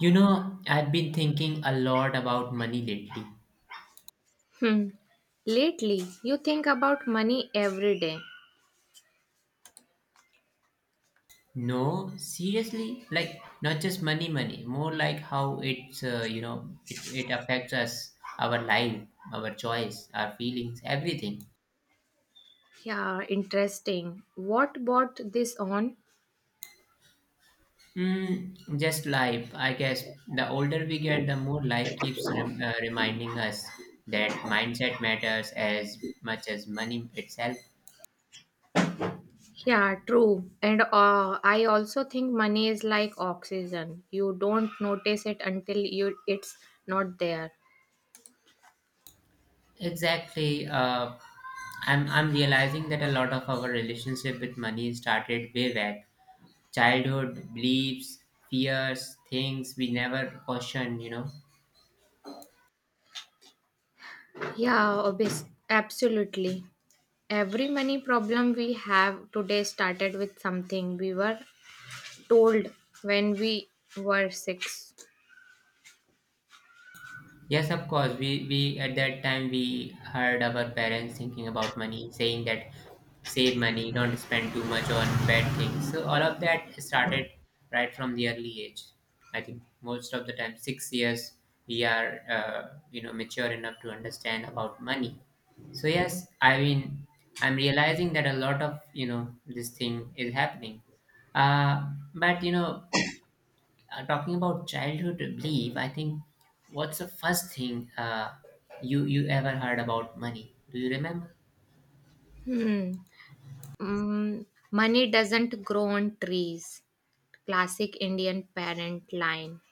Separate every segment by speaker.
Speaker 1: You know, I've been thinking a lot about money lately.
Speaker 2: Hmm. Lately, you think about money every day.
Speaker 1: No, seriously, like not just money, money, more like how it's, you know, it affects us, our life, our choice, our feelings, everything.
Speaker 2: Yeah, interesting. What bought this on?
Speaker 1: Mm, just life, I guess. The older we get, the more life keeps reminding us that mindset matters as much as money itself.
Speaker 2: Yeah, true. And I also think money is like oxygen. You don't notice it until you it's not there.
Speaker 1: Exactly. I'm realizing that a lot of our relationship with money started way back. Childhood beliefs, fears, things we never questioned.
Speaker 2: Yeah, obvious. Absolutely. Every money problem we have today started with something we were told when we were six.
Speaker 1: Yes, of course. We at that time we heard our parents thinking about money, saying that save money, don't spend too much on bad things. So all of that started right from the early age. I think most of the time, 6 years, we are mature enough to understand about money. So yes, I mean I'm realizing that a lot of this thing is happening. But talking about childhood belief, I think what's the first thing you ever heard about money? Do you remember?
Speaker 2: Hmm. Mm, Money doesn't grow on trees. Classic Indian parent line.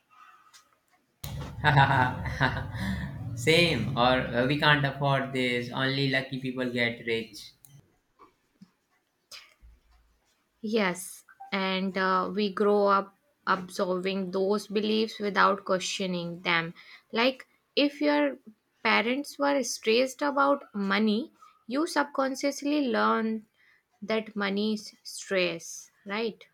Speaker 1: Same, or we can't afford this. Only lucky people get rich.
Speaker 2: Yes, and we grow up absorbing those beliefs without questioning them. Like if your parents were stressed about money, you subconsciously learn that money is stress, right?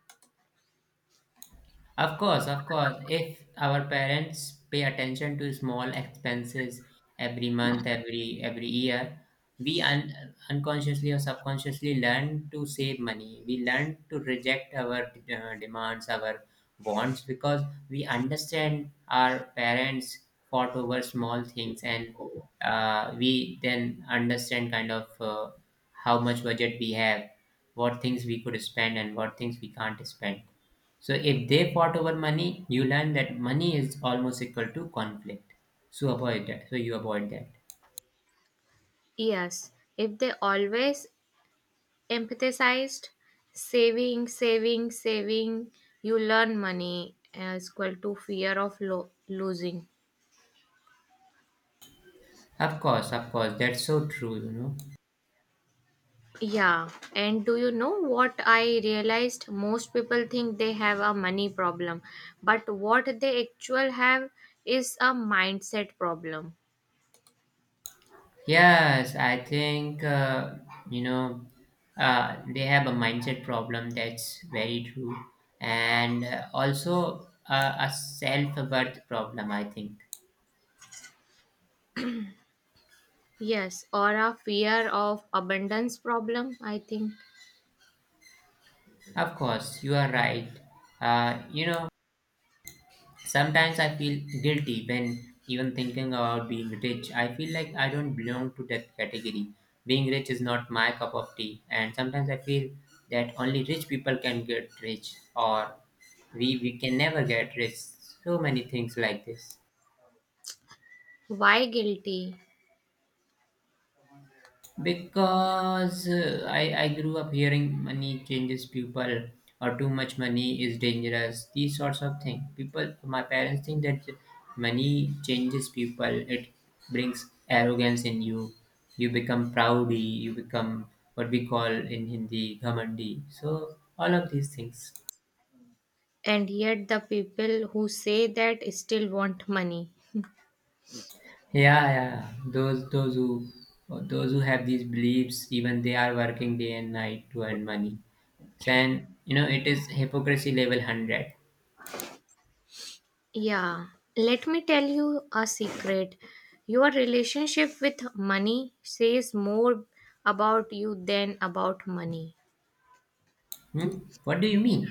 Speaker 1: Of course, of course. If our parents pay attention to small expenses every month, every year, we unconsciously or subconsciously learn to save money. We learn to reject our demands, our wants, because we understand our parents fought over small things, and we then understand kind of how much budget we have, what things we could spend, and what things we can't spend. So if they fought over money, you learn that money is almost equal to conflict. So avoid that. So you avoid that.
Speaker 2: Yes, if they always emphasized saving, saving, saving, you learn money is equal to fear of losing.
Speaker 1: Of course, that's so true.
Speaker 2: Yeah, and do you know what I realized? Most people think they have a money problem, but what they actually have is a mindset problem.
Speaker 1: Yes, I think you know they have a mindset problem. That's very true, and also a self worth problem. I think.
Speaker 2: Yes, or a fear of abundance problem, I think.
Speaker 1: Of course, you are right. Uh, you know, Sometimes I feel guilty when even thinking about being rich. I feel like I don't belong to that category. Being rich is not my cup of tea, and sometimes I feel that only rich people can get rich, or we can never get rich. So many things like this.
Speaker 2: Why guilty?
Speaker 1: Because I grew up hearing money changes people or too much money is dangerous, these sorts of things people, my parents think that money changes people, it brings arrogance in you, you become proudy, you become what we call in Hindi, ghamandi, so all of these things.
Speaker 2: And yet the people who say that still want money.
Speaker 1: Yeah, yeah. Those who have these beliefs, even they are working day and night to earn money. And it is hypocrisy level 100.
Speaker 2: Yeah, let me tell you a secret. Your relationship with money says more about you than about money.
Speaker 1: Hmm? What do you mean?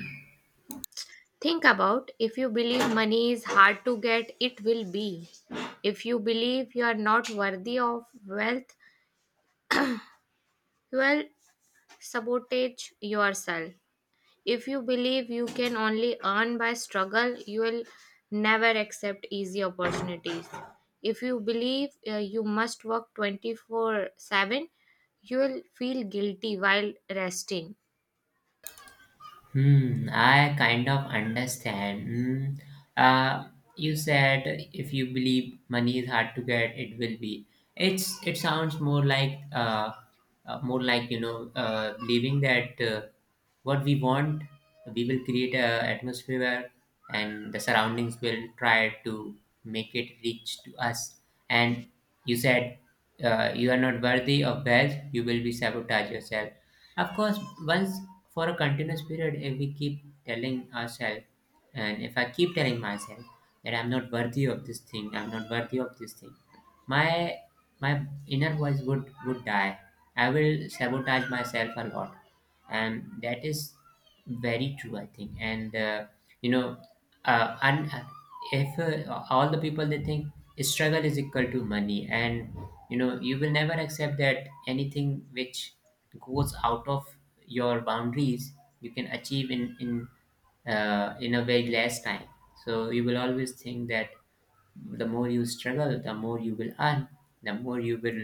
Speaker 2: Think about, if you believe money is hard to get, it will be. If you believe you are not worthy of wealth, you will sabotage yourself. If you believe you can only earn by struggle, you will never accept easy opportunities. If you believe you must work 24/7, you will feel guilty while resting.
Speaker 1: Hmm, I kind of understand. Hmm. Uh, you said if you believe money is hard to get, it will be. It sounds more like believing that what we want, we will create a atmosphere where, and the surroundings will try to make it reach to us. And you said you are not worthy of wealth, you will be sabotage yourself of course. Once for a continuous period, if we keep telling ourselves, and if I keep telling myself that I'm not worthy of this thing, I'm not worthy of this thing, my my inner voice would die. I will sabotage myself a lot, and that is very true, I think. You know, and if all the people they think struggle is equal to money, and you will never accept that anything which goes out of your boundaries you can achieve in in a very less time. So you will always think that the more you struggle the more you will earn, the more you will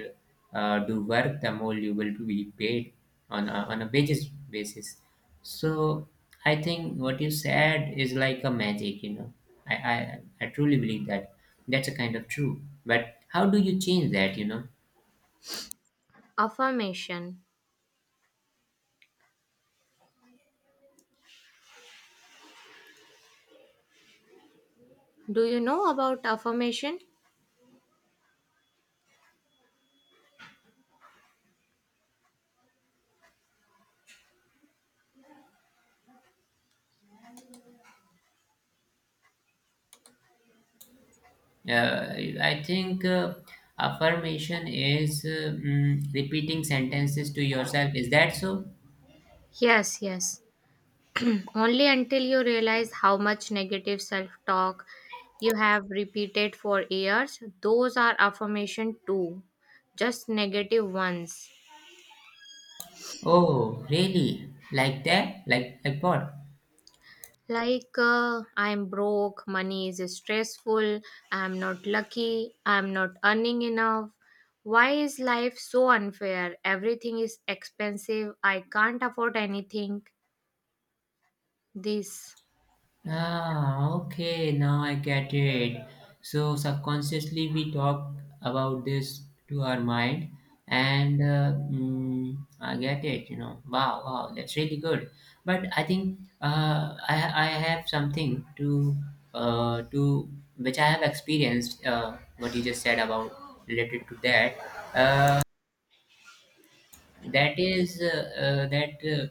Speaker 1: do work the more you will be paid on a wages basis. So I think what you said is like a magic. I truly believe that. That's a kind of true, but how do you change that?
Speaker 2: Affirmation. Do you know about affirmation?
Speaker 1: Yeah, I think affirmation is repeating sentences to yourself. Is that so?
Speaker 2: Yes, yes. Only until you realize how much negative self talk you have repeated for years. Those are affirmation too, just negative ones.
Speaker 1: Oh, really? Like that? Like what?
Speaker 2: Like I'm broke. Money is stressful. I'm not lucky. I'm not earning enough. Why is life so unfair? Everything is expensive. I can't afford anything. This.
Speaker 1: Ah, okay, now I get it. So subconsciously we talk about this to our mind, and I get it. Wow, wow, that's really good. But I think I have something to uh, to which I have experienced. What you just said about related to that. Uh, that is that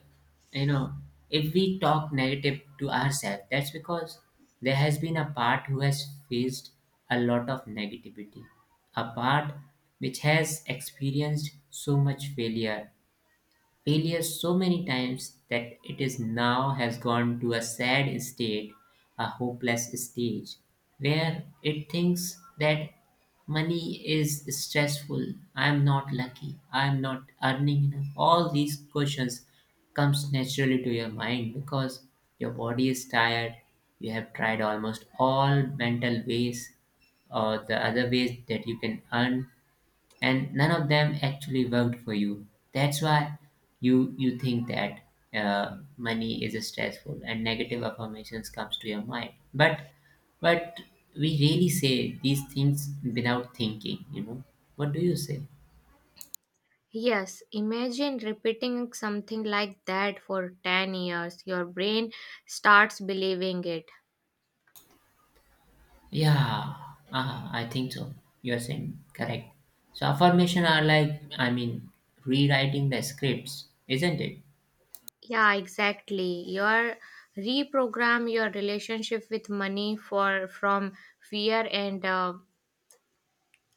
Speaker 1: you know if we talk negative to ourselves that's because there has been a part who has faced a lot of negativity, a part which has experienced so much failure so many times that it is now has gone to a sad state, a hopeless stage, where it thinks that money is stressful, I am not lucky, I am not earning enough. All these questions comes naturally to your mind because your body is tired, you have tried almost all mental ways or the other ways that you can earn, and none of them actually worked for you. That's why you think that money is stressful and negative affirmations comes to your mind. But we really say these things without thinking. You know what do you say?
Speaker 2: Yes, imagine repeating something like that for 10 years. Your brain starts believing it.
Speaker 1: Yeah, ah, I think so. You're saying correct. So affirmation are like I mean rewriting the scripts, isn't it?
Speaker 2: Yeah, exactly. Your reprogram your relationship with money for from fear and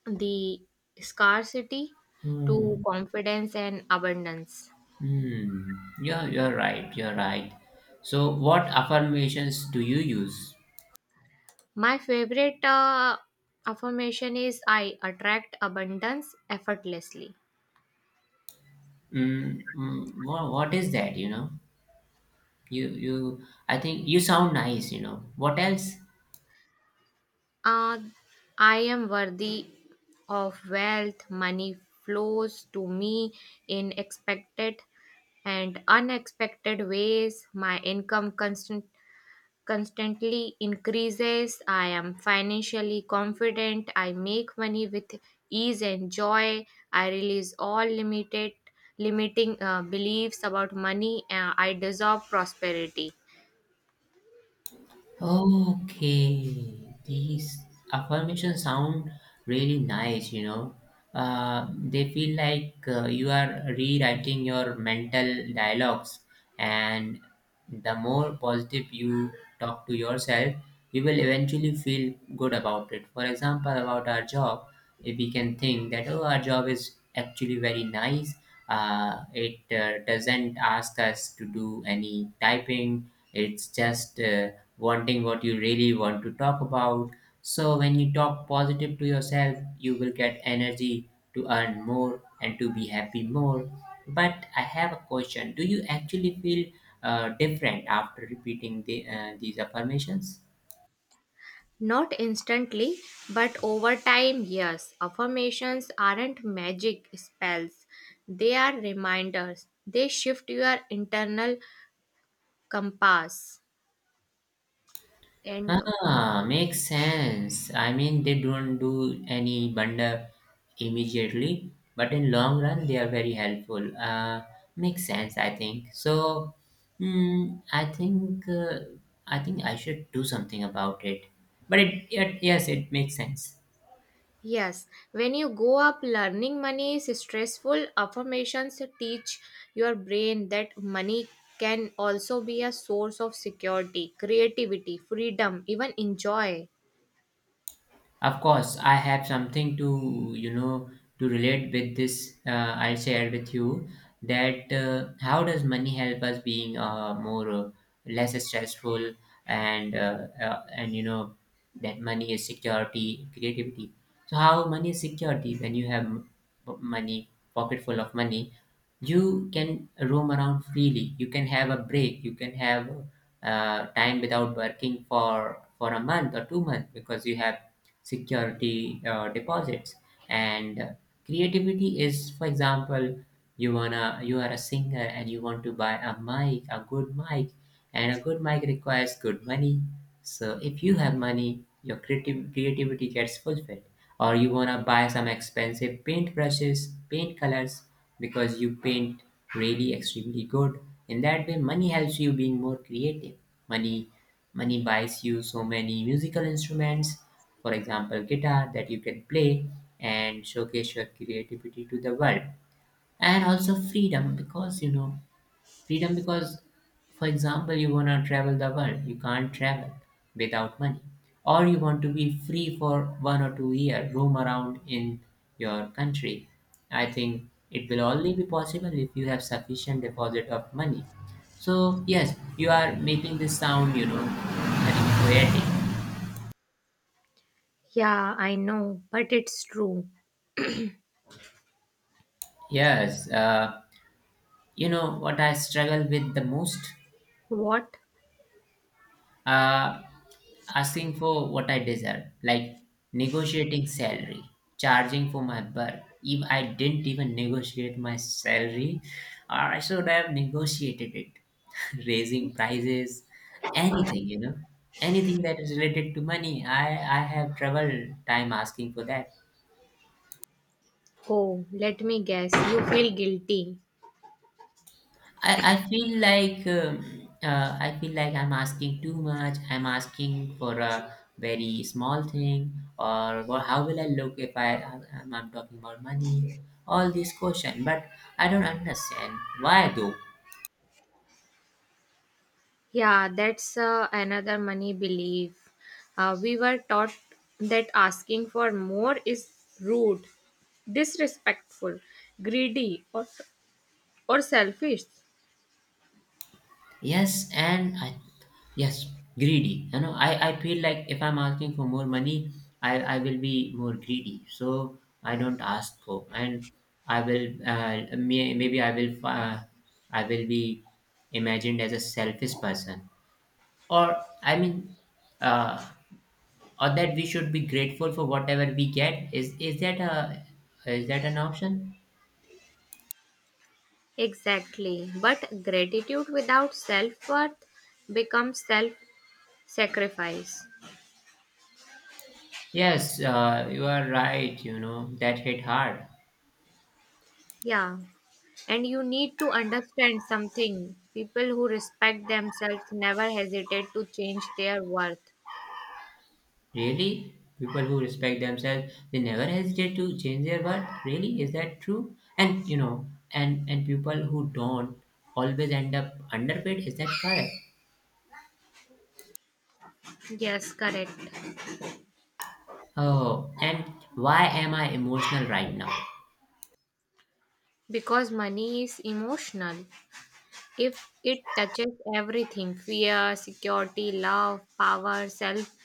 Speaker 2: the scarcity to
Speaker 1: Hmm.
Speaker 2: confidence and abundance.
Speaker 1: Hmm. Yeah, you're right. You're right. So, what affirmations do you use?
Speaker 2: My favorite affirmation is I attract abundance effortlessly.
Speaker 1: Mm, mm, what is that? You. I think you sound nice. What else?
Speaker 2: Uh, I am worthy of wealth. Money flows to me in expected and unexpected ways. My income constantly increases. I am financially confident. I make money with ease and joy. I release all limited limiting beliefs about money. I dissolve prosperity.
Speaker 1: Okay, these affirmations sound really nice. They feel like you are rewriting your mental dialogues, and the more positive you talk to yourself, you will eventually feel good about it. For example, about our job, if we can think that oh our job is actually very nice, it doesn't ask us to do any typing, it's just wanting what you really want to talk about. So when you talk positive to yourself you will get energy to earn more and to be happy more. But I have a question, do you actually feel different after repeating these affirmations?
Speaker 2: Not instantly, but over time, yes. Affirmations aren't magic spells, they are reminders. They shift your internal compass. And
Speaker 1: Ah, makes sense. I mean, they don't do any bundle immediately, but in long run, they are very helpful. Makes sense, I think. So, mm, I think uh, I think I should do something about it. But it yes, it makes sense.
Speaker 2: yes, when you go up learning money is stressful, affirmations teach your brain that money can also be a source of security, creativity, freedom, even enjoy.
Speaker 1: Of course, I have something to to relate with this. I shared with you that how does money help us being more less stressful, and you know that money is security, creativity. So how money is security, when you have money, pocket full of money, you can roam around freely. You can have a break. You can have time without working for a month or 2 months because you have security deposits. And creativity is, for example, you are a singer and you want to buy a good mic, and a good mic requires good money. So if you have money, your creative creativity gets fulfilled, or you wanna buy some expensive paint brushes, paint colors, because you paint really extremely good. In that way money helps you being more creative. Money money buys you so many musical instruments, for example guitar, that you can play and showcase your creativity to the world. And also freedom, because freedom because for example you want to travel the world, you can't travel without money. Or you want to be free for 1 or 2 year, roam around in your country. I think it will only be possible if you have sufficient deposit of money. So yes, you are making this sound very poetic.
Speaker 2: Yeah, I know, but it's true.
Speaker 1: Yes, you know what I struggle with the most.
Speaker 2: What?
Speaker 1: uh, Asking for what I deserve, like negotiating salary, charging for my work. If I didn't even negotiate my salary, I should have negotiated it. Raising prices, anything you know anything that is related to money, I have trouble time asking for that.
Speaker 2: Oh, let me guess. You feel guilty.
Speaker 1: I, I feel like um, I feel like I'm asking too much. I'm asking for a very small thing, or what, how will I look if I'm talking about money? All these questions, but I don't understand why though.
Speaker 2: Yeah, that's another money belief. We were taught that asking for more is rude, disrespectful, greedy, or selfish.
Speaker 1: Yes, and I, yes, greedy. I feel like if I'm asking for more money, I will be more greedy. So I don't ask for. And I will maybe I will be imagined as a selfish person, or I mean, uh, or that we should be grateful for whatever we get. Is that an option?
Speaker 2: Exactly. But gratitude without self worth becomes self sacrifice.
Speaker 1: Yes, you are right. You know that hit hard.
Speaker 2: Yeah. And you need to understand something. People who respect themselves never hesitate to change their worth.
Speaker 1: Really? People who respect themselves, they never hesitate to change their worth. Really? Is that true? And you know, and people who don't always end up underpaid. Is that correct?
Speaker 2: Yes, correct.
Speaker 1: Oh, and why am I emotional right now?
Speaker 2: Because money is emotional. If it touches everything, fear, security, love, power, self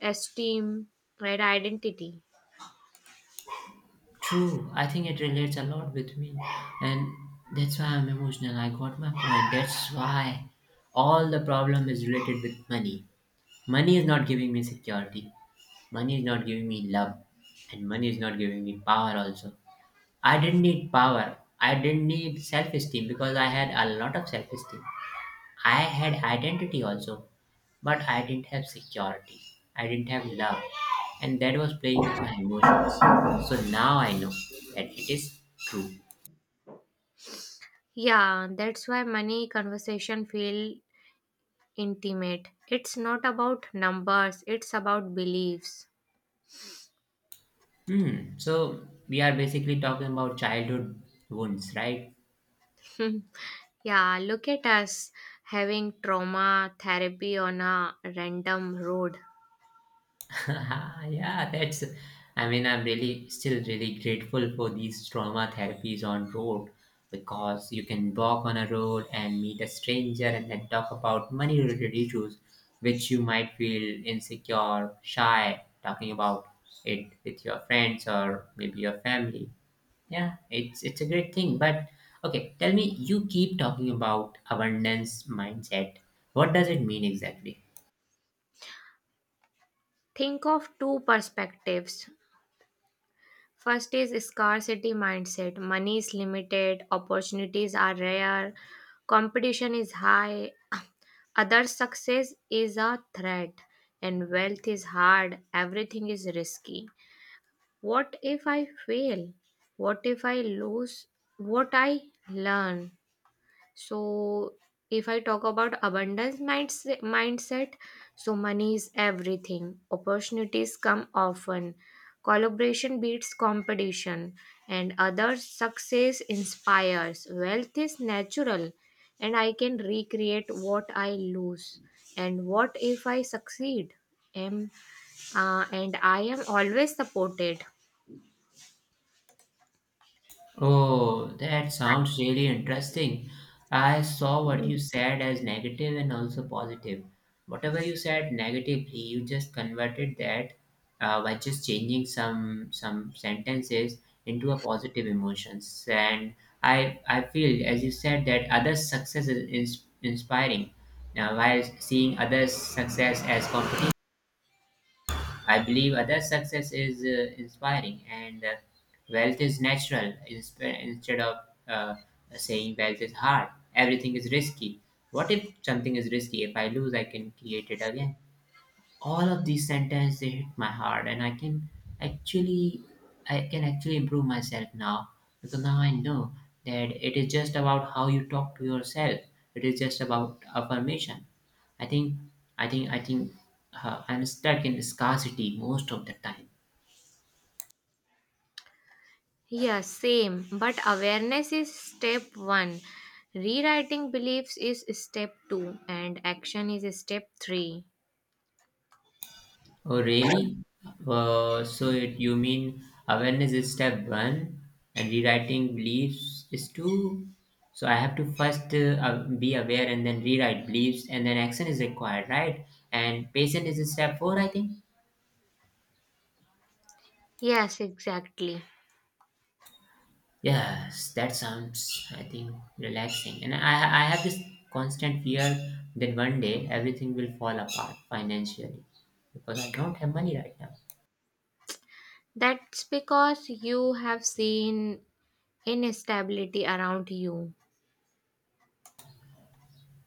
Speaker 2: esteem, right, identity.
Speaker 1: True. I think it relates a lot with me, and that's why I'm emotional. I got my point. That's why all the problem is related with money. Money is not giving me security. Money is not giving me love, and money is not giving me power also. I didn't need power. I didn't need self esteem because I had a lot of self esteem. I had identity also, but I didn't have security. I didn't have love. And that was playing with my emotions. So now I know that it is true.
Speaker 2: Yeah, that's why money conversation feel intimate. It's not about numbers, it's about beliefs.
Speaker 1: Hmm. So we are basically talking about childhood wounds, right?
Speaker 2: Yeah, look at us having trauma therapy on a random road.
Speaker 1: Yeah, that's. I mean, I'm really still really grateful for these trauma therapies on road because you can walk on a road and meet a stranger and then talk about money related issues, which you might feel insecure, shy talking about it with your friends or maybe your family. Yeah, it's a great thing. But okay, tell me, you keep talking about abundance mindset. What does it mean exactly?
Speaker 2: Think of two perspectives. First is scarcity mindset. Money is limited, opportunities are rare, competition is high, other success is a threat, and wealth is hard, everything is risky. What if I fail? What if I lose what I learn? So, if I talk about abundance mindset, so money is everything. Opportunities come often. Collaboration beats competition, and other success inspires. Wealth is natural, and I can recreate what I lose. And what if I succeed? Am and I am always supported.
Speaker 1: Oh, that sounds really interesting. I saw what you said as negative and also positive. Whatever you said negatively, you just converted that by just changing some sentences into a positive emotions. And I feel, as you said, that others' success is inspiring. Now, while seeing others' success as competition. I believe other success is inspiring, and wealth is natural instead of uh, saying wealth is hard. Everything is risky. What if something is risky? If I lose, I can create it again. All of these sentences, they hit my heart, and actually I can actually improve myself now, because now I know that it is just about how you talk to yourself. It is just about affirmation. I think i think i think I'm stuck in scarcity most of the time.
Speaker 2: Yeah, same. But awareness is step one. Rewriting beliefs is step two, and action is step three.
Speaker 1: Oh, really? So you mean awareness is step one and rewriting beliefs is two? So I have to first be aware, and then rewrite beliefs, and then action is required, right? And patient is step four, I think.
Speaker 2: Yes, exactly.
Speaker 1: Yes, that sounds, I think, relaxing. And I have this constant fear that one day everything will fall apart financially because I don't have money right now.
Speaker 2: That's because you have seen instability around you.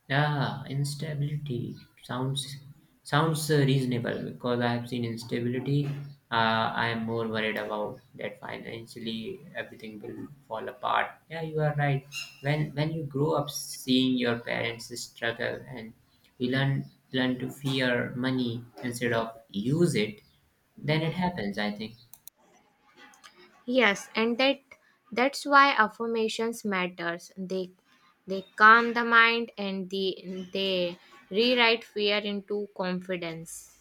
Speaker 1: Yeah, instability sounds sounds reasonable because I have seen instability. I am more worried about that financially everything will fall apart. Yeah, you are right. When you grow up seeing your parents struggle and you learn to fear money instead of use it, then it happens. I think.
Speaker 2: Yes, and that's why affirmations matters. They calm the mind, and they rewrite fear into confidence.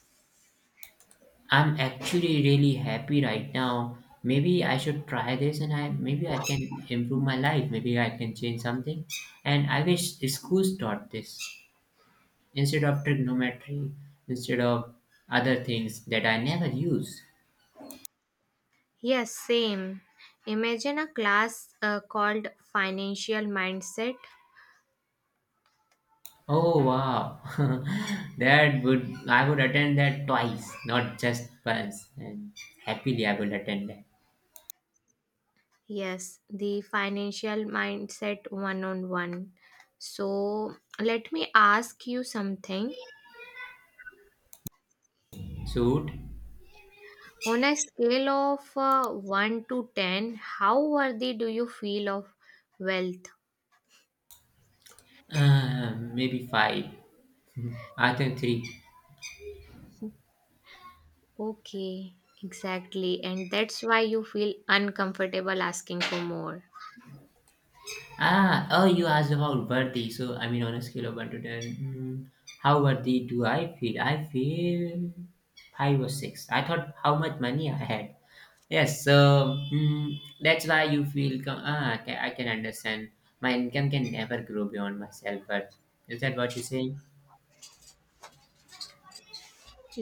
Speaker 1: I'm actually really happy right now. Maybe I should try this, and I maybe I can improve my life. Maybe I can change something. And I wish schools taught this, instead of trigonometry, instead of other things that I never use.
Speaker 2: Yes, same. Imagine a class called Financial Mindset.
Speaker 1: Oh, wow. that would I would attend that twice, not just once. And happily I will attend that.
Speaker 2: Yes, the Financial Mindset one-on-one. So, let me ask you something.
Speaker 1: So,
Speaker 2: On a scale of 1 to 10, how worthy do you feel of wealth?
Speaker 1: maybe five. I think three.
Speaker 2: Okay, exactly. And that's why you feel uncomfortable asking for more.
Speaker 1: Ah, oh, you asked about worthy. So, I mean, on a scale of 1 to 10, how worthy do I feel? I feel 5 or 6. I thought how much money I had. Yes, so that's why you feel, okay, I can understand. My income can never grow beyond myself, but is that what you say?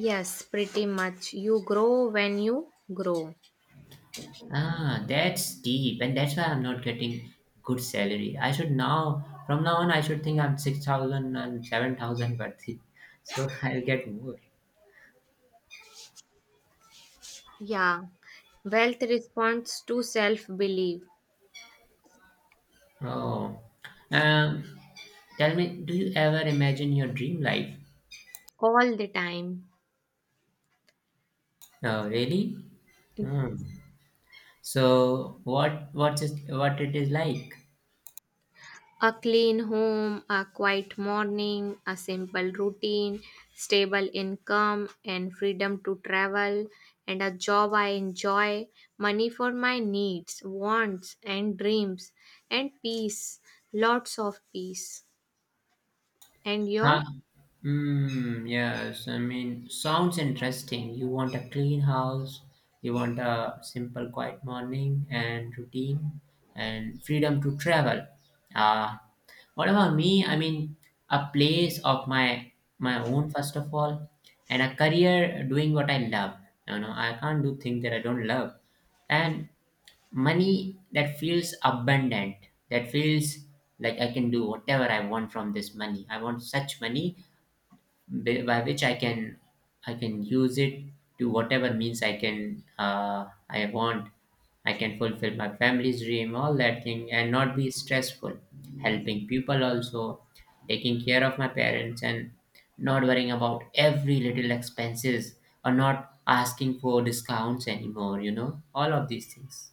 Speaker 2: Yes, pretty much. You grow when you grow.
Speaker 1: Ah, that's deep, and that's why I'm not getting good salary. I should now, from now on, I should think I'm six thousand and seven thousand worthy. So I'll get more.
Speaker 2: Yeah, wealth responds to self belief.
Speaker 1: Oh, um, tell me, do you ever imagine your dream life?
Speaker 2: All the time.
Speaker 1: Oh, really? Hmm.
Speaker 2: Yes.
Speaker 1: So, what it is like?
Speaker 2: A clean home, a quiet morning, a simple routine, stable income, and freedom to travel, and a job I enjoy, money for my needs, wants, and dreams, and peace, lots of peace. And
Speaker 1: Ah,
Speaker 2: your?
Speaker 1: mm, yes, I mean, sounds interesting. You want a clean house, you want a simple, quiet morning and routine, and freedom to travel. Ah, what about me? I mean, a place of my own first of all, and a career doing what I love. You know, I can't do things that I don't love, and money that feels abundant, that feels like I can do whatever I want from this money. I want such money by which I can use it to whatever means I can, I want. I can fulfill my family's dream, all that thing, and not be stressful. Helping people also, taking care of my parents, and not worrying about every little expenses, or not asking for discounts anymore. You know, all of these things.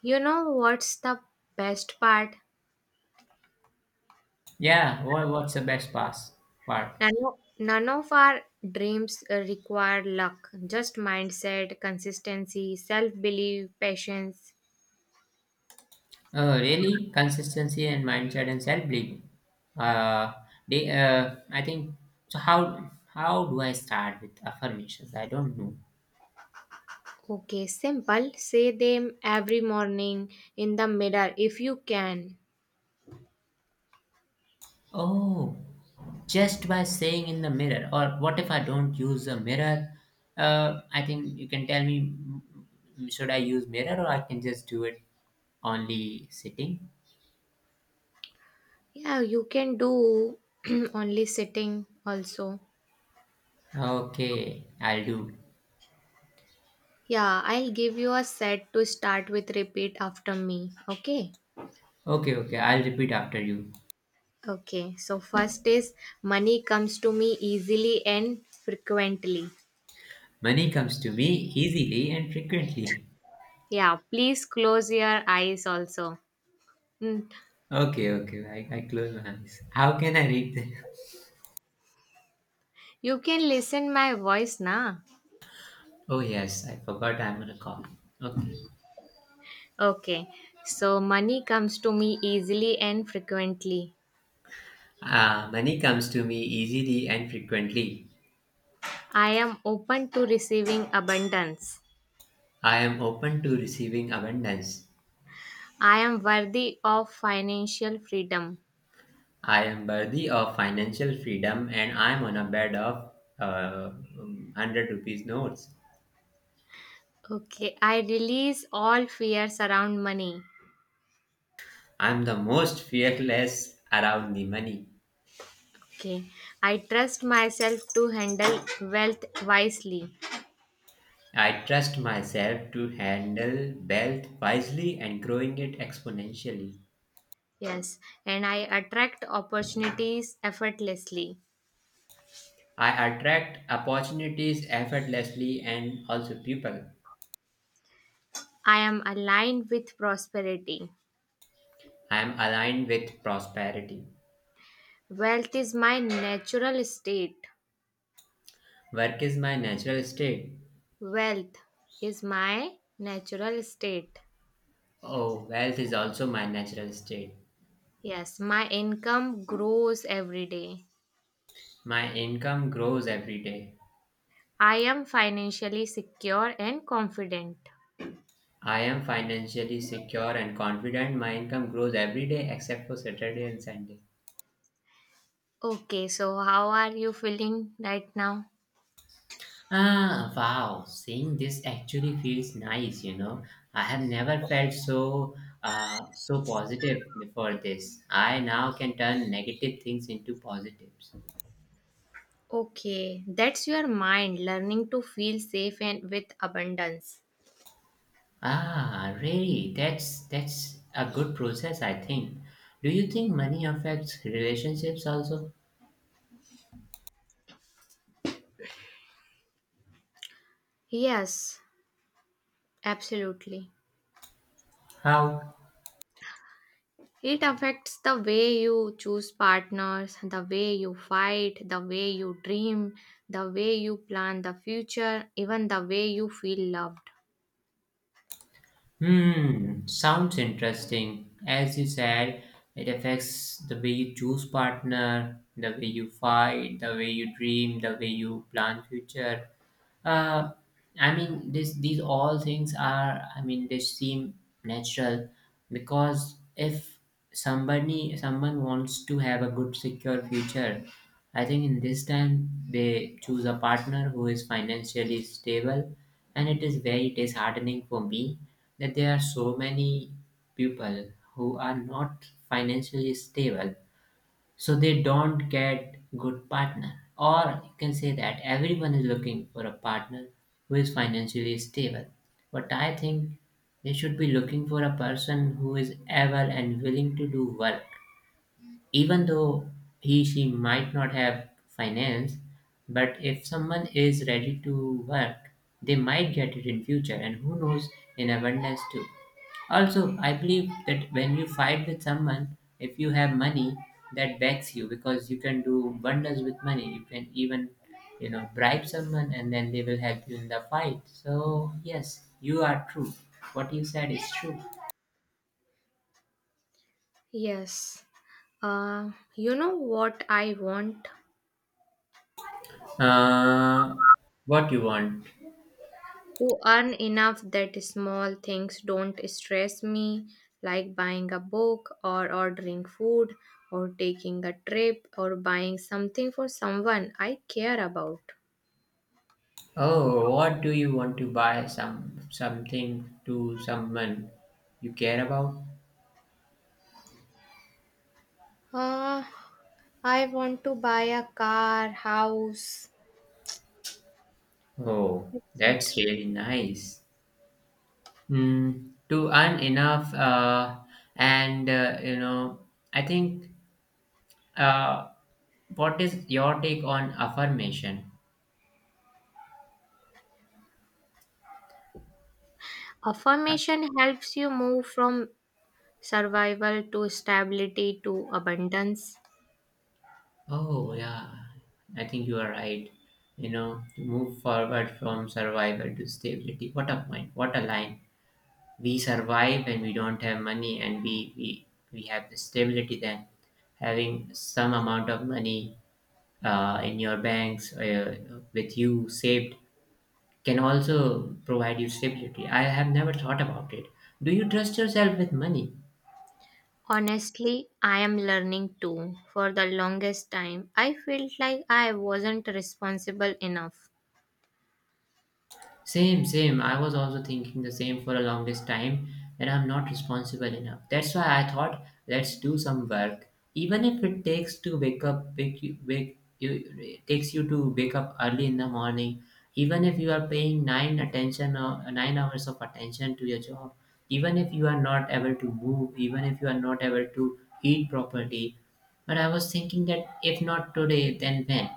Speaker 2: You know what's the best part?
Speaker 1: Yeah, what's the best pass part?
Speaker 2: None of, none of our dreams require luck, just mindset, consistency, self belief, patience.
Speaker 1: Really, consistency and mindset and self-belief. Uh, I think so. How do I start with affirmations? I don't know.
Speaker 2: Okay, simple. Say them every morning in the mirror if you can.
Speaker 1: Oh, just by saying in the mirror, or what if I don't use a mirror? I think you can tell me. Should I use mirror, or I can just do it only sitting?
Speaker 2: Yeah, you can do only sitting also.
Speaker 1: Okay, I'll do.
Speaker 2: Yeah, I'll give you a set to start with. Repeat after me. Okay.
Speaker 1: Okay, okay, I'll repeat after you.
Speaker 2: Okay, so first is, money comes to me easily and frequently.
Speaker 1: Money comes to me easily and frequently.
Speaker 2: Yeah, please close your eyes also. Mm,
Speaker 1: Okay, okay, I close my eyes. How can I read them?
Speaker 2: You can listen my voice na.
Speaker 1: Oh, yes, I forgot I'm on a call. Okay.
Speaker 2: Okay. So money comes to me easily and frequently.
Speaker 1: Money comes to me easily and frequently.
Speaker 2: I am open to receiving abundance.
Speaker 1: I am open to receiving abundance.
Speaker 2: I am worthy of financial freedom.
Speaker 1: I am worthy of financial freedom, and I am on a bed of uh, 100 rupees notes.
Speaker 2: Okay, I release all fears around money.
Speaker 1: I am the most fearless around the money.
Speaker 2: Okay, I trust myself to handle wealth wisely.
Speaker 1: I trust myself to handle wealth wisely and growing it exponentially.
Speaker 2: Yes, and I attract opportunities effortlessly.
Speaker 1: I attract opportunities effortlessly, and also people.
Speaker 2: I am aligned with prosperity.
Speaker 1: I am aligned with prosperity.
Speaker 2: Wealth is my natural state.
Speaker 1: Work is my natural state.
Speaker 2: Wealth is my natural state.
Speaker 1: Oh, wealth is also my natural state.
Speaker 2: Yes, my income grows every day.
Speaker 1: My income grows every day.
Speaker 2: I am financially secure and confident.
Speaker 1: I am financially secure and confident. My income grows every day, except for Saturday and Sunday.
Speaker 2: Okay, so how are you feeling right now?
Speaker 1: Ah, wow. Seeing this actually feels nice. I have never felt so positive before this. I now can turn negative things into positives.
Speaker 2: Okay, that's your mind learning to feel safe and with abundance.
Speaker 1: Ah, really? That's a good process, I think. Do you think money affects relationships also?
Speaker 2: Yes, absolutely.
Speaker 1: How?
Speaker 2: It affects the way you choose partners, the way you fight, the way you dream, the way you plan the future, even the way you feel loved.
Speaker 1: Hmm, sounds interesting. As you said, it affects the way you choose partner, the way you fight, the way you dream, the way you plan future. Uh, I mean, this these all things are. I mean, they seem natural, because if somebody someone wants to have a good secure future. I think in this time they choose a partner who is financially stable, and it is very disheartening for me that there are so many people who are not financially stable, so they don't get good partner. Or you can say that everyone is looking for a partner who is financially stable, but I think they should be looking for a person who is able and willing to do work, even though he she might not have finance. But if someone is ready to work, they might get it in future, and who knows, in abundance too. Also, I believe that when you fight with someone, if you have money, that backs you, because you can do wonders with money. You can even bribe someone, and then they will help you in the fight. So yes, you are true. What you said is true.
Speaker 2: Yes. You know what I want?
Speaker 1: uh, what you want?
Speaker 2: To earn enough that small things don't stress me, like buying a book or ordering food or taking a trip or buying something for someone I care about.
Speaker 1: Oh, what do you want to buy something to someone you care about?
Speaker 2: Uh, I want to buy a car, house,
Speaker 1: Oh,
Speaker 2: etc.
Speaker 1: that's really nice. To earn enough, and I think. Uh, what is your take on affirmation? Uh,
Speaker 2: Affirmation helps you move from survival to stability to abundance.
Speaker 1: Oh, yeah, I think you are right. You know, to move forward from survival to stability. What a point! What a line! We survive when we don't have money, and we have the stability then, having some amount of money in your banks, with you saved, can also provide you stability. I have never thought about it. Do you trust yourself with money?
Speaker 2: Honestly, I am learning too. For the longest time, I felt like I wasn't responsible enough.
Speaker 1: Same, same. I was also thinking the same for a longest time, that I'm not responsible enough. That's why I thought let's do some work, even if it takes to wake up, it takes you to wake up early in the morning. Even if you are paying nine attention, or 9 hours of attention to your job, even if you are not able to move, even if you are not able to eat properly. But I was thinking that if not today, then when?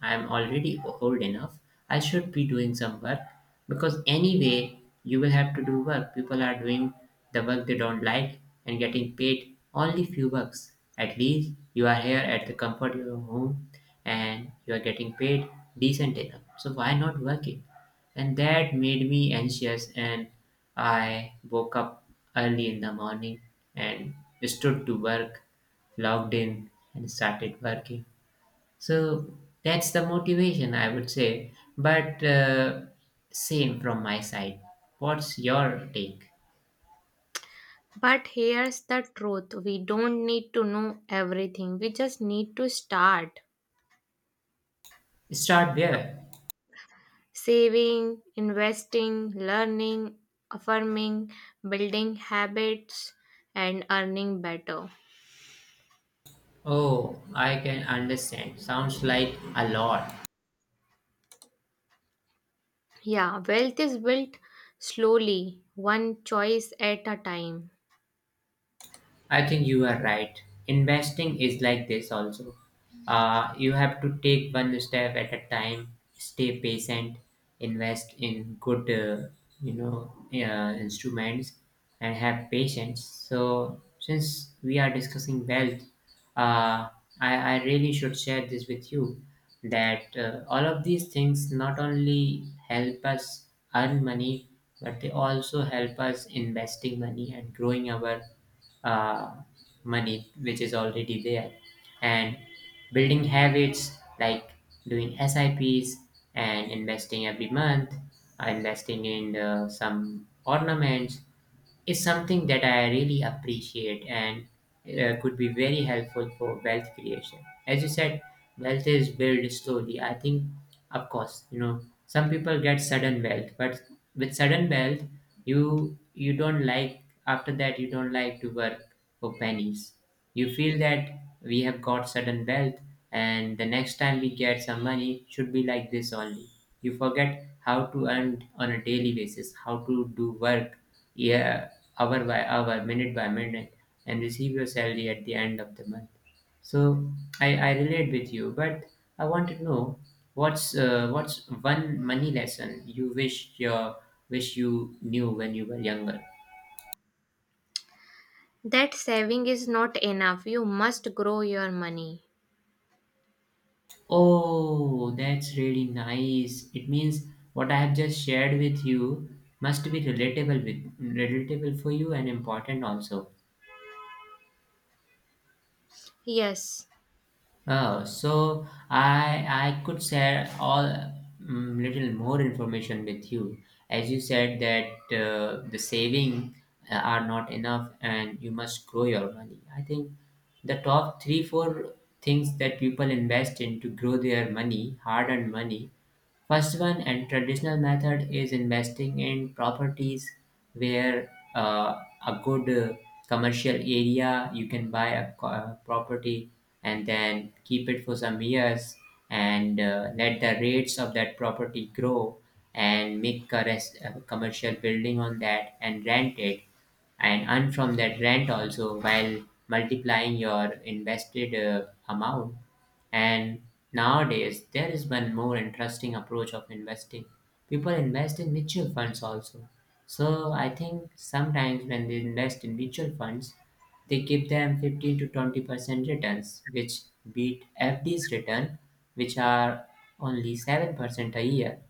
Speaker 1: I'm already old enough. I should be doing some work, because anyway, you will have to do work. People are doing the work they don't like and getting paid only few bucks. At least you are here at the comfort of your home, and you are getting paid decent enough. So why not work it? And that made me anxious and I woke up early in the morning and stood to work, logged in and started working, so that's the motivation, I would say. But same from my side. What's your take?
Speaker 2: But here's the truth, we don't need to know everything, we just need to start.
Speaker 1: Start there.
Speaker 2: Saving, investing, learning, affirming, building habits, and earning better.
Speaker 1: Oh, I can understand. Sounds like a lot.
Speaker 2: Yeah, wealth is built slowly, one choice at a time.
Speaker 1: I think you are right. Investing is like this also. You have to take one step at a time, stay patient, invest in good instruments, and have patience. So, since we are discussing wealth, uh, I really should share this with you that all of these things not only help us earn money, but they also help us investing money and growing our uh, money, which is already there, and building habits like doing SIPs and investing every month, investing in some ornaments, is something that I really appreciate and could be very helpful for wealth creation. As you said, wealth is built slowly. I think, of course, some people get sudden wealth, but with sudden wealth, you don't like after that you don't like to work for pennies. You feel that we have got sudden wealth, and the next time we get some money should be like this only. You forget how to earn on a daily basis, how to do work, yeah, hour by hour, minute by minute, and receive your salary at the end of the month. So I relate with you, but I want to know what's one money lesson you wish you knew when you were younger.
Speaker 2: That saving is not enough. You must grow your money.
Speaker 1: Oh, that's really nice. It means what I have just shared with you must be relatable for you and important also.
Speaker 2: Yes.
Speaker 1: Oh, so I could share all little more information with you. As you said that the saving are not enough and you must grow your money. I think the top three four things that people invest in to grow their money, hard earned money. First one and traditional method is investing in properties, where a good, commercial area you can buy a property and then keep it for some years and let the rates of that property grow and make a commercial building on that and rent it and earn from that rent also, while multiplying your invested amount. And nowadays, there is one more interesting approach of investing. People invest in mutual funds also. So I think sometimes when they invest in mutual funds, they give them 15 to 20 percent returns, which beat FD's return, which are only 7 percent a year,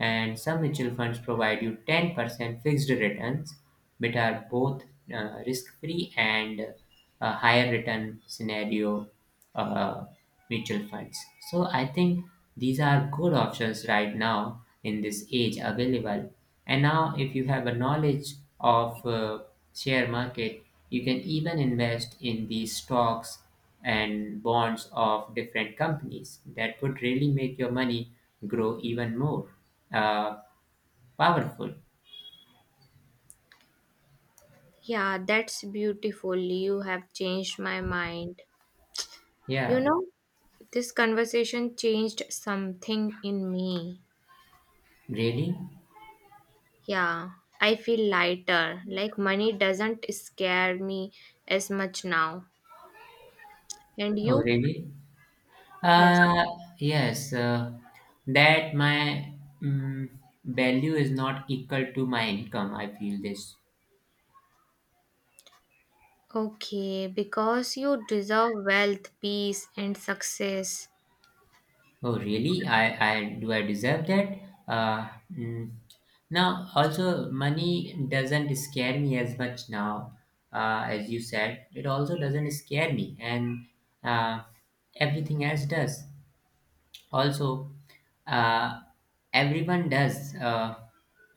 Speaker 1: and some mutual funds provide you 10% fixed returns, which are both risk-free and a higher return scenario, uh, mutual funds. So I think these are good options right now in this age available. And now, if you have a knowledge of share market, you can even invest in these stocks and bonds of different companies. That would really make your money grow even more uh, powerful.
Speaker 2: Yeah, that's beautiful. You have changed my mind. You
Speaker 1: Yeah,
Speaker 2: know, this conversation changed something in me.
Speaker 1: really?
Speaker 2: Yeah, I feel lighter. Like money doesn't scare me as much now. And
Speaker 1: Oh,
Speaker 2: you?
Speaker 1: really?
Speaker 2: Yes.
Speaker 1: Uh, yes. That my mm value is not equal to my income. I feel this.
Speaker 2: Okay, because you deserve wealth, peace, and success.
Speaker 1: Oh, really? I do I deserve that? Uh, mm. Now, also, money doesn't scare me as much now, as you said. It also doesn't scare me, and uh, everything else does. Also, uh, everyone does. Uh,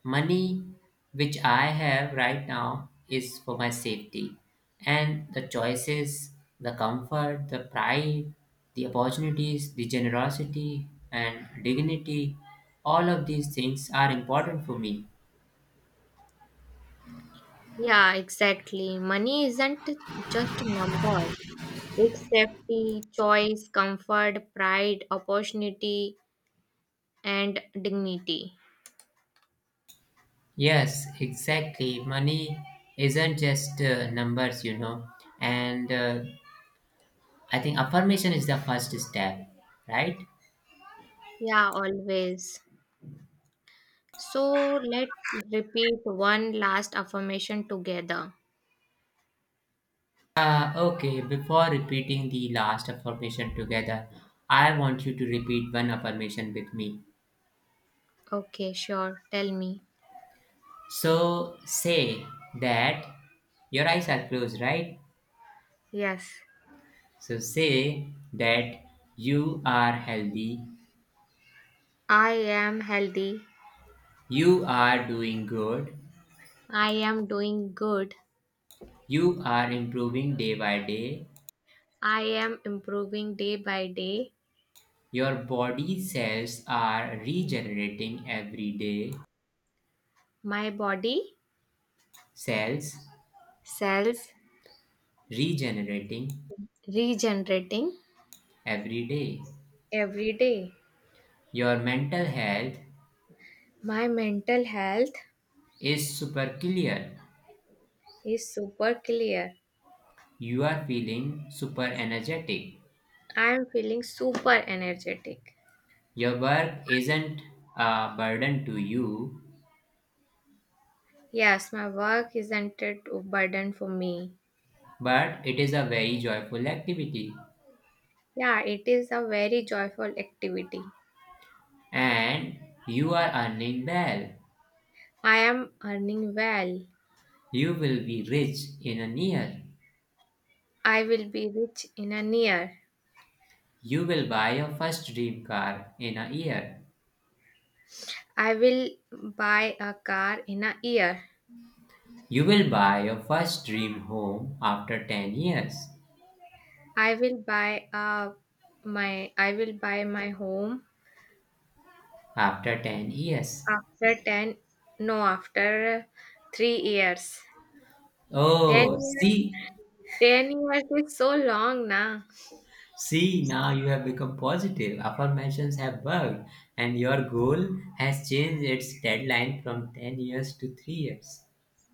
Speaker 1: money, which I have right now, is for my safety. And the choices, the comfort, the pride, the opportunities, the generosity, and dignity, all of these things are important for me.
Speaker 2: Yeah, exactly. Money isn't just a number, it's safety, choice, comfort, pride, opportunity, and dignity.
Speaker 1: Yes, exactly. Money isn't just numbers. And I think affirmation is the first step, right?
Speaker 2: Yeah, always. So let's repeat one last affirmation together.
Speaker 1: Okay, before repeating the last affirmation together, I want you to repeat one affirmation with me.
Speaker 2: Okay, sure. Tell me.
Speaker 1: So say that your eyes are closed, right?
Speaker 2: Yes,
Speaker 1: So say that you are healthy,
Speaker 2: I am healthy.
Speaker 1: you are doing good,
Speaker 2: I am doing good.
Speaker 1: you are improving day by day,
Speaker 2: I am improving day by day.
Speaker 1: your body cells are regenerating every day,
Speaker 2: My body,
Speaker 1: cells
Speaker 2: cells,
Speaker 1: regenerating
Speaker 2: regenerating
Speaker 1: every day.
Speaker 2: every day.
Speaker 1: Your mental health
Speaker 2: My mental health
Speaker 1: is super clear.
Speaker 2: is super clear.
Speaker 1: You are feeling super energetic.
Speaker 2: I am feeling super energetic.
Speaker 1: Your work isn't a burden to you,
Speaker 2: Yes, my work isn't a burden for me.
Speaker 1: but it is a very joyful activity.
Speaker 2: Yeah, it is a very joyful activity.
Speaker 1: And you are earning well.
Speaker 2: I am earning well.
Speaker 1: You will be rich in a year.
Speaker 2: I will be rich in a year.
Speaker 1: You will buy your first dream car in a year.
Speaker 2: I will buy a car in a year.
Speaker 1: You will buy your first dream home after 10 years.
Speaker 2: I will buy a I will buy my home
Speaker 1: After 10 years.
Speaker 2: after 10, no, after 3 years. 10
Speaker 1: Oh,
Speaker 2: years,
Speaker 1: see,
Speaker 2: 10 years is so long na.
Speaker 1: see, now you have become positive. Affirmations have worked, and your goal has changed its deadline from 10 years to 3 years.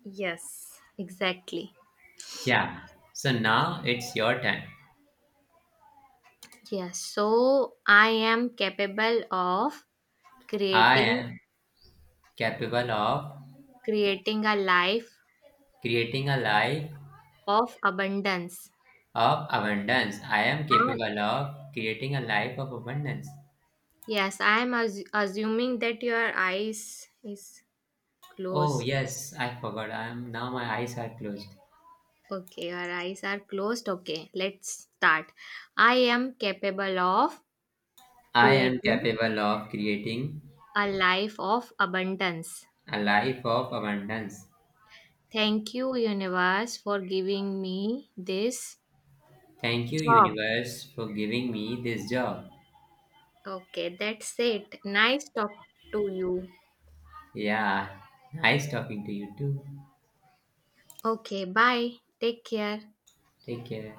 Speaker 2: Yes, exactly.
Speaker 1: Yeah, so now it's your time.
Speaker 2: Yes, so I am capable of
Speaker 1: I
Speaker 2: creating
Speaker 1: am capable of
Speaker 2: creating a life
Speaker 1: creating a life
Speaker 2: of abundance.
Speaker 1: of abundance. I am
Speaker 2: And
Speaker 1: capable of creating a life of abundance.
Speaker 2: yes, I am assuming that your eyes is
Speaker 1: Oh,
Speaker 2: closed.
Speaker 1: yes, I forgot. I am now, my eyes are closed.
Speaker 2: Okay, our eyes are closed. Okay, let's start. I am capable of
Speaker 1: I am
Speaker 2: creating
Speaker 1: capable of creating
Speaker 2: a life of abundance.
Speaker 1: a life of abundance.
Speaker 2: Thank you, universe, for giving me this
Speaker 1: Thank you,
Speaker 2: job.
Speaker 1: universe, for giving me this job.
Speaker 2: Okay, that's it. Nice talk to you.
Speaker 1: Yeah, nice talking to you too.
Speaker 2: Okay, bye. Take care.
Speaker 1: Take care.